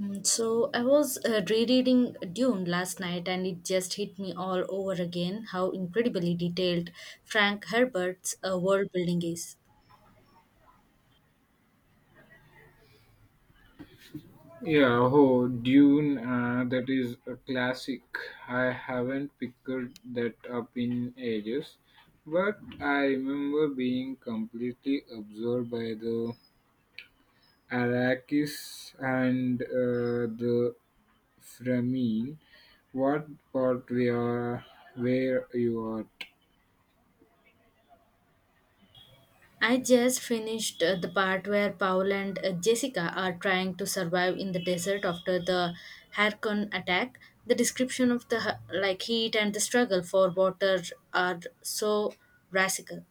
So I was rereading Dune last night, and it just hit me all over again how incredibly detailed Frank Herbert's world building is. Yeah, oh, Dune, that is a classic. I haven't picked that up in ages, but I remember being completely absorbed by the Arrakis and the Framine. What part we are, where you are? I just finished the part where Paul and Jessica are trying to survive in the desert after the Harkon attack. The description of the heat and the struggle for water are so radical.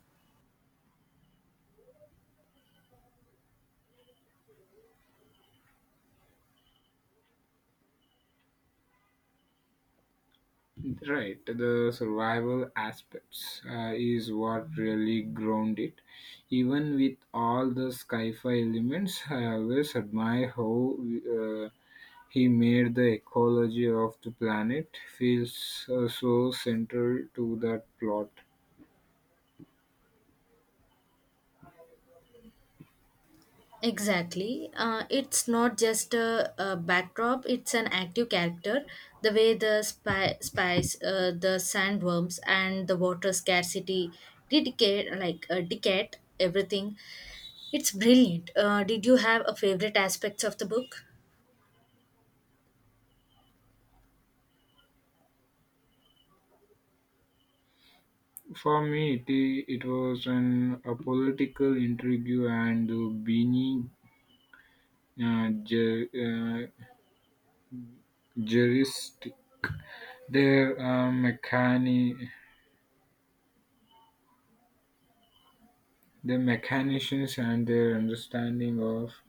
Right, the survival aspects is what really ground it. Even with all the sci-fi elements, I always admire how he made the ecology of the planet feels so central to that plot. Exactly. It's not just a backdrop, it's an active character. The way the spice, the sandworms, and the water scarcity dictate everything. It's brilliant. Did you have a favorite aspects of the book? For me, it was an a political intrigue and the Beanie uh, Jer- uh, juristic. Their The mechanicians and their understanding of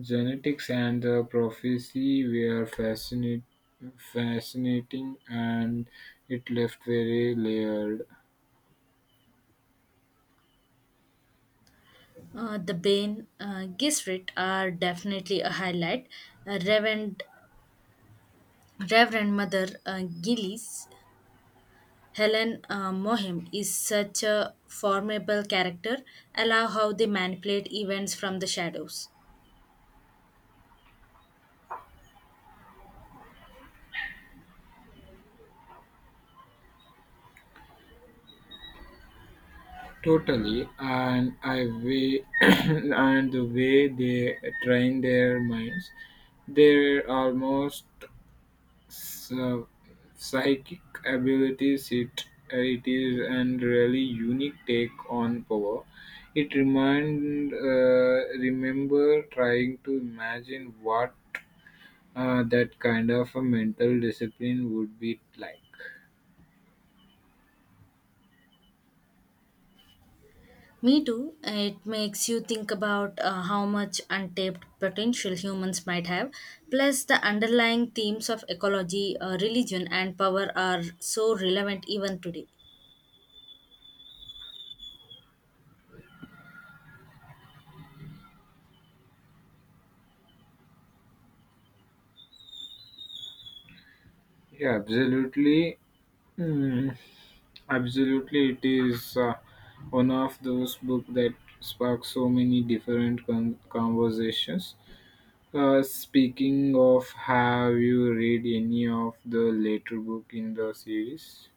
genetics and the prophecy were fascinating and it left very layered. The Bane Gesserit are definitely a highlight. Uh, Reverend Reverend Mother Gillies Helen Mohim is such a formidable character. Allow how they manipulate events from the shadows. Totally, and and the way they train their minds, they're almost So, psychic abilities it is and really unique take on power. It remind remember trying to imagine what that kind of a mental discipline would be like. Me too. It makes you think about how much untapped potential humans might have. Plus, the underlying themes of ecology, religion, and power are so relevant even today. Yeah, absolutely. Mm, absolutely, it is one of those book that sparks so many different conversations. Speaking of, have you read any of the later book in the series?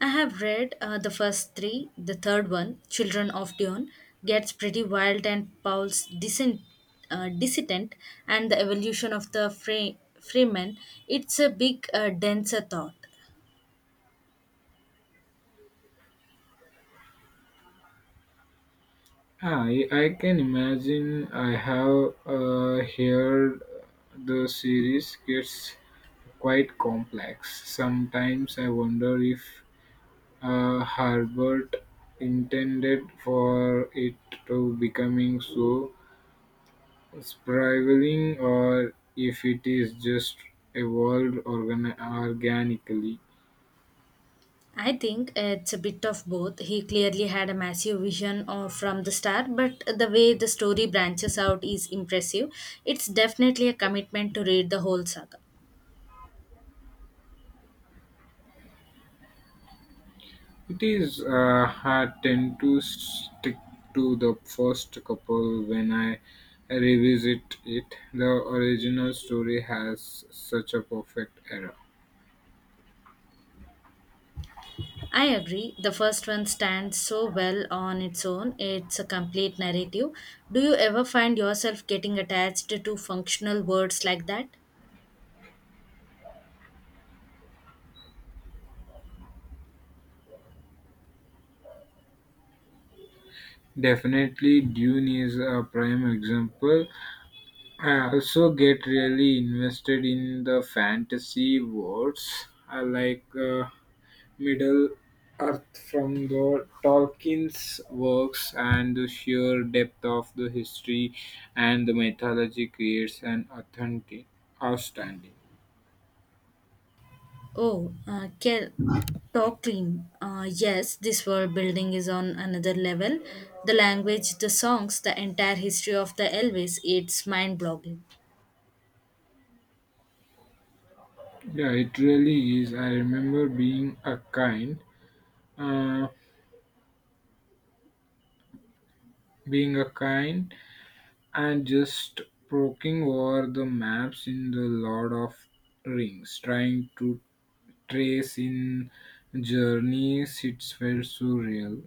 I have read the first three. The third one, Children of Dune," gets pretty wild and Paul's dissident and the evolution of the freeman. It's a denser thought. Ah, I can imagine I have heard the series gets quite complex. Sometimes I wonder if Herbert intended for it to becoming so spiraling or if it is just evolved organically. I think it's a bit of both. He clearly had a massive vision of, from the start, but the way the story branches out is impressive. It's definitely a commitment to read the whole saga. It is. I tend to stick to the first couple when I revisit it. The original story has such a perfect era. I agree. The first one stands so well on its own. It's a complete narrative. Do you ever find yourself getting attached to functional words like that? Definitely, Dune is a prime example. I also get really invested in the fantasy worlds. I like. Middle Earth from the Tolkien's works and the sheer depth of the history and the mythology creates an authentic outstanding. Oh, Kel, talk clean. Yes, this world building is on another level. The language, the songs, the entire history of the Elvis, it's mind boggling. Yeah, it really is. I remember uh, being a kind, and just poking over the maps in the Lord of Rings, trying to trace in journeys. It felt surreal.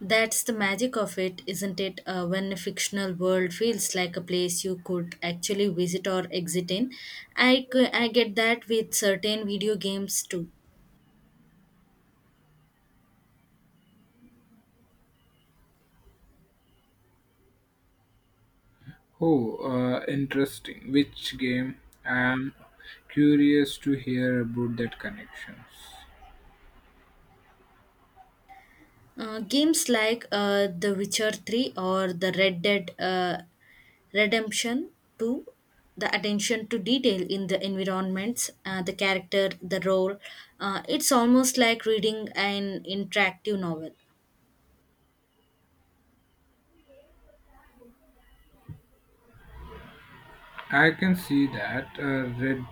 That's the magic of it, isn't it? When a fictional world feels like a place you could actually visit or exit in. I get that with certain video games too. Oh, interesting. Which game? I am curious to hear about that connections. Games like The Witcher 3 or The Red Dead Redemption 2, the attention to detail in the environments, the character, the role, it's almost like reading an interactive novel. I can see that Red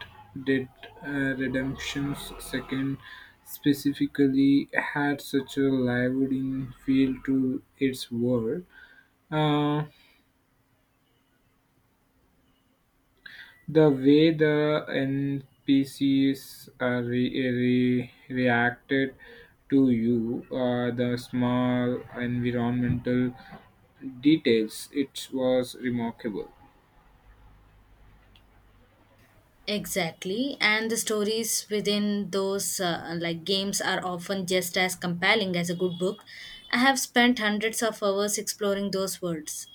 Dead Redemption's second specifically had such a lively feel to its world. Uh, the way the NPCs reacted to you, the small environmental details it was remarkable. Exactly, and the stories within those games are often just as compelling as a good book. I have spent hundreds of hours exploring those worlds.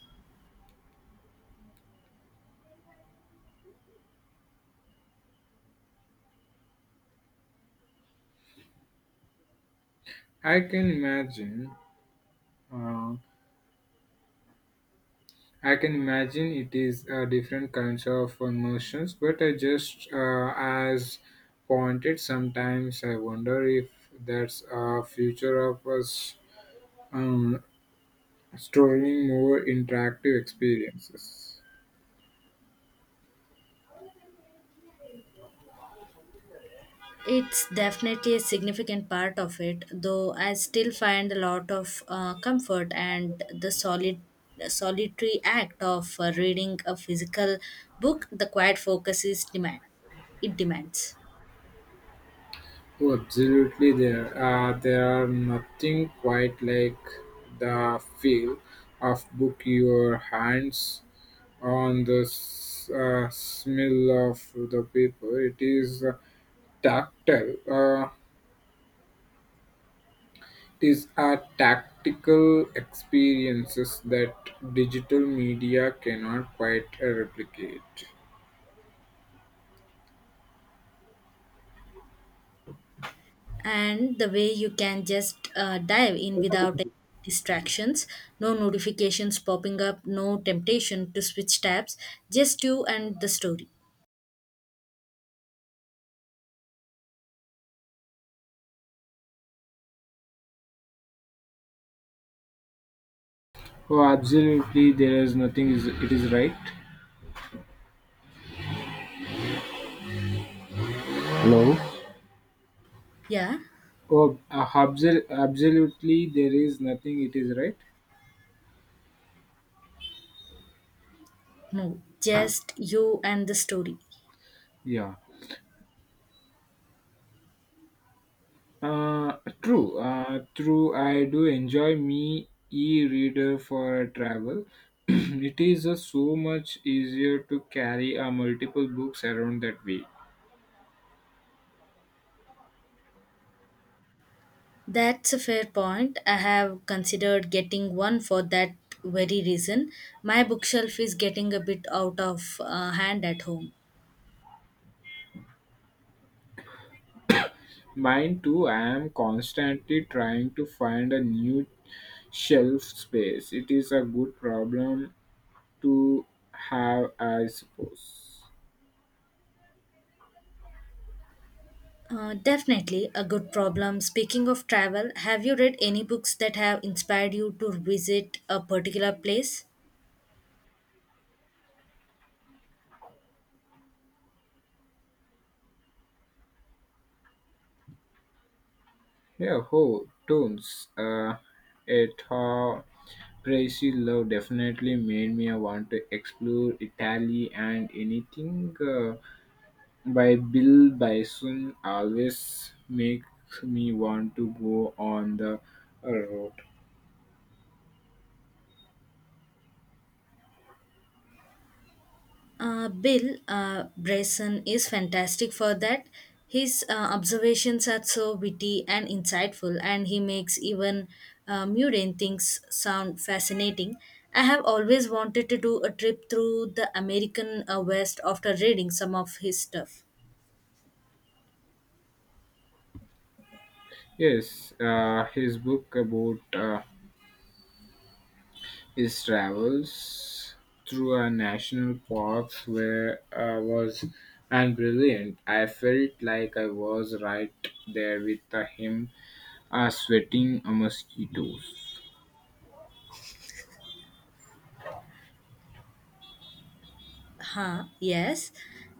I can imagine, uh, I can imagine it is different kinds of emotions, but I just, as pointed, sometimes I wonder if that's a future of us, um, storing more interactive experiences. It's definitely a significant part of it, though I still find a lot of comfort and the solid solitary act of reading a physical book. The quiet focus is demands. Oh, absolutely, there are nothing quite like the feel of book your hands on the smell of the paper. It is tactile. It is a tactical experiences that digital media cannot quite replicate. And the way you can just dive in without any distractions. No notifications popping up, no temptation to switch tabs, just you and the story. Oh, absolutely, there is nothing. Is it is right? Hello? Yeah, Oh, absolutely, there is nothing. It is right. no, just you and the story. Yeah. Uh, true. I do enjoy me e-reader for travel. It is so much easier to carry multiple books around that way. That's a fair point. I have considered getting one for that very reason. My bookshelf is getting a bit out of hand at home. Mine too. I am constantly trying to find a new shelf space. It is a good problem to have, I suppose. Definitely a good problem. Speaking of travel, have you read any books that have inspired you to visit a particular place? Yahoo! Tunes, a thought Brazil love definitely made me want to explore Italy and anything by Bill Bison always makes me want to go on the road. Bill Bryson is fantastic for that. His observations are so witty and insightful, and he makes even mundane things sound fascinating. I have always wanted to do a trip through the American West after reading some of his stuff. Yes, his book about his travels through our national parks where I was and brilliant. I felt like I was right there with him, sweating mosquitoes. Huh, yes.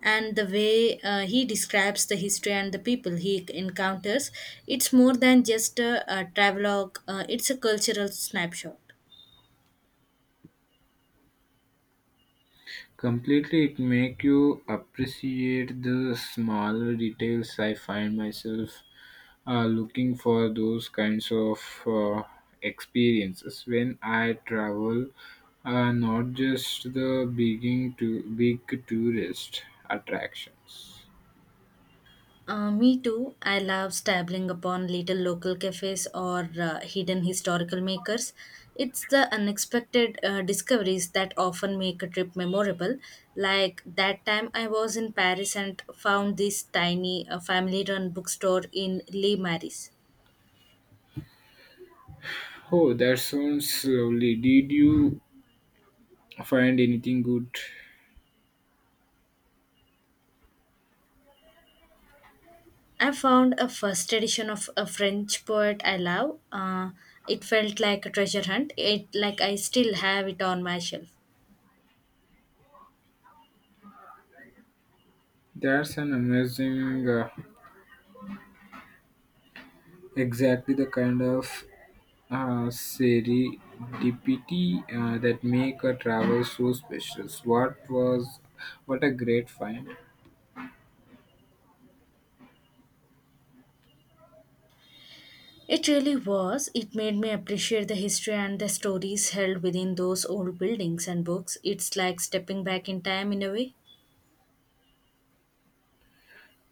And the way he describes the history and the people he encounters, it's more than just a travelogue, it's a cultural snapshot. Completely, it make you appreciate the smaller details. I find myself looking for those kinds of uh, experiences when I travel. Not just the beginning to big tourist attractions. Me too. I love stumbling upon little local cafes or hidden historical makers. It's the unexpected discoveries that often make a trip memorable. Like that time I was in Paris and found this tiny family run bookstore in Les Maris. Oh, that sounds lovely. Did you find anything good? I found a first edition of a French poet I love. It felt like a treasure hunt. It like I still have it on my shelf. That's an amazing, uh, exactly the kind of serendipity that make a travel so special. What a great find! It really was. It made me appreciate the history and the stories held within those old buildings and books. It's like stepping back in time in a way.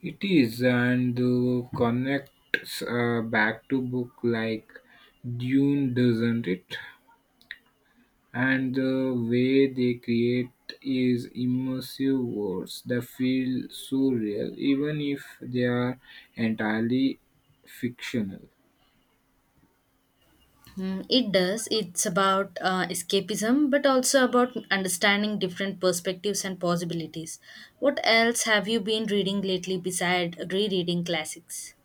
It is, and connects back to book like Dune, doesn't it? And the way they create is immersive worlds that feel so real, even if they are entirely fictional. Mm, it does. It's about escapism, but also about understanding different perspectives and possibilities. What else have you been reading lately beside rereading classics?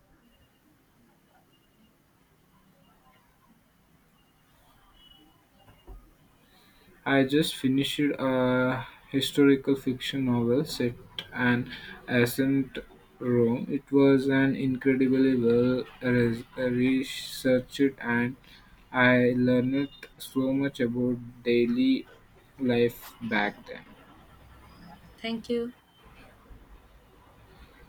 I just finished a historical fiction novel set an ancient Rome. It was an incredibly well researched and I learned so much about daily life back then. Thank you.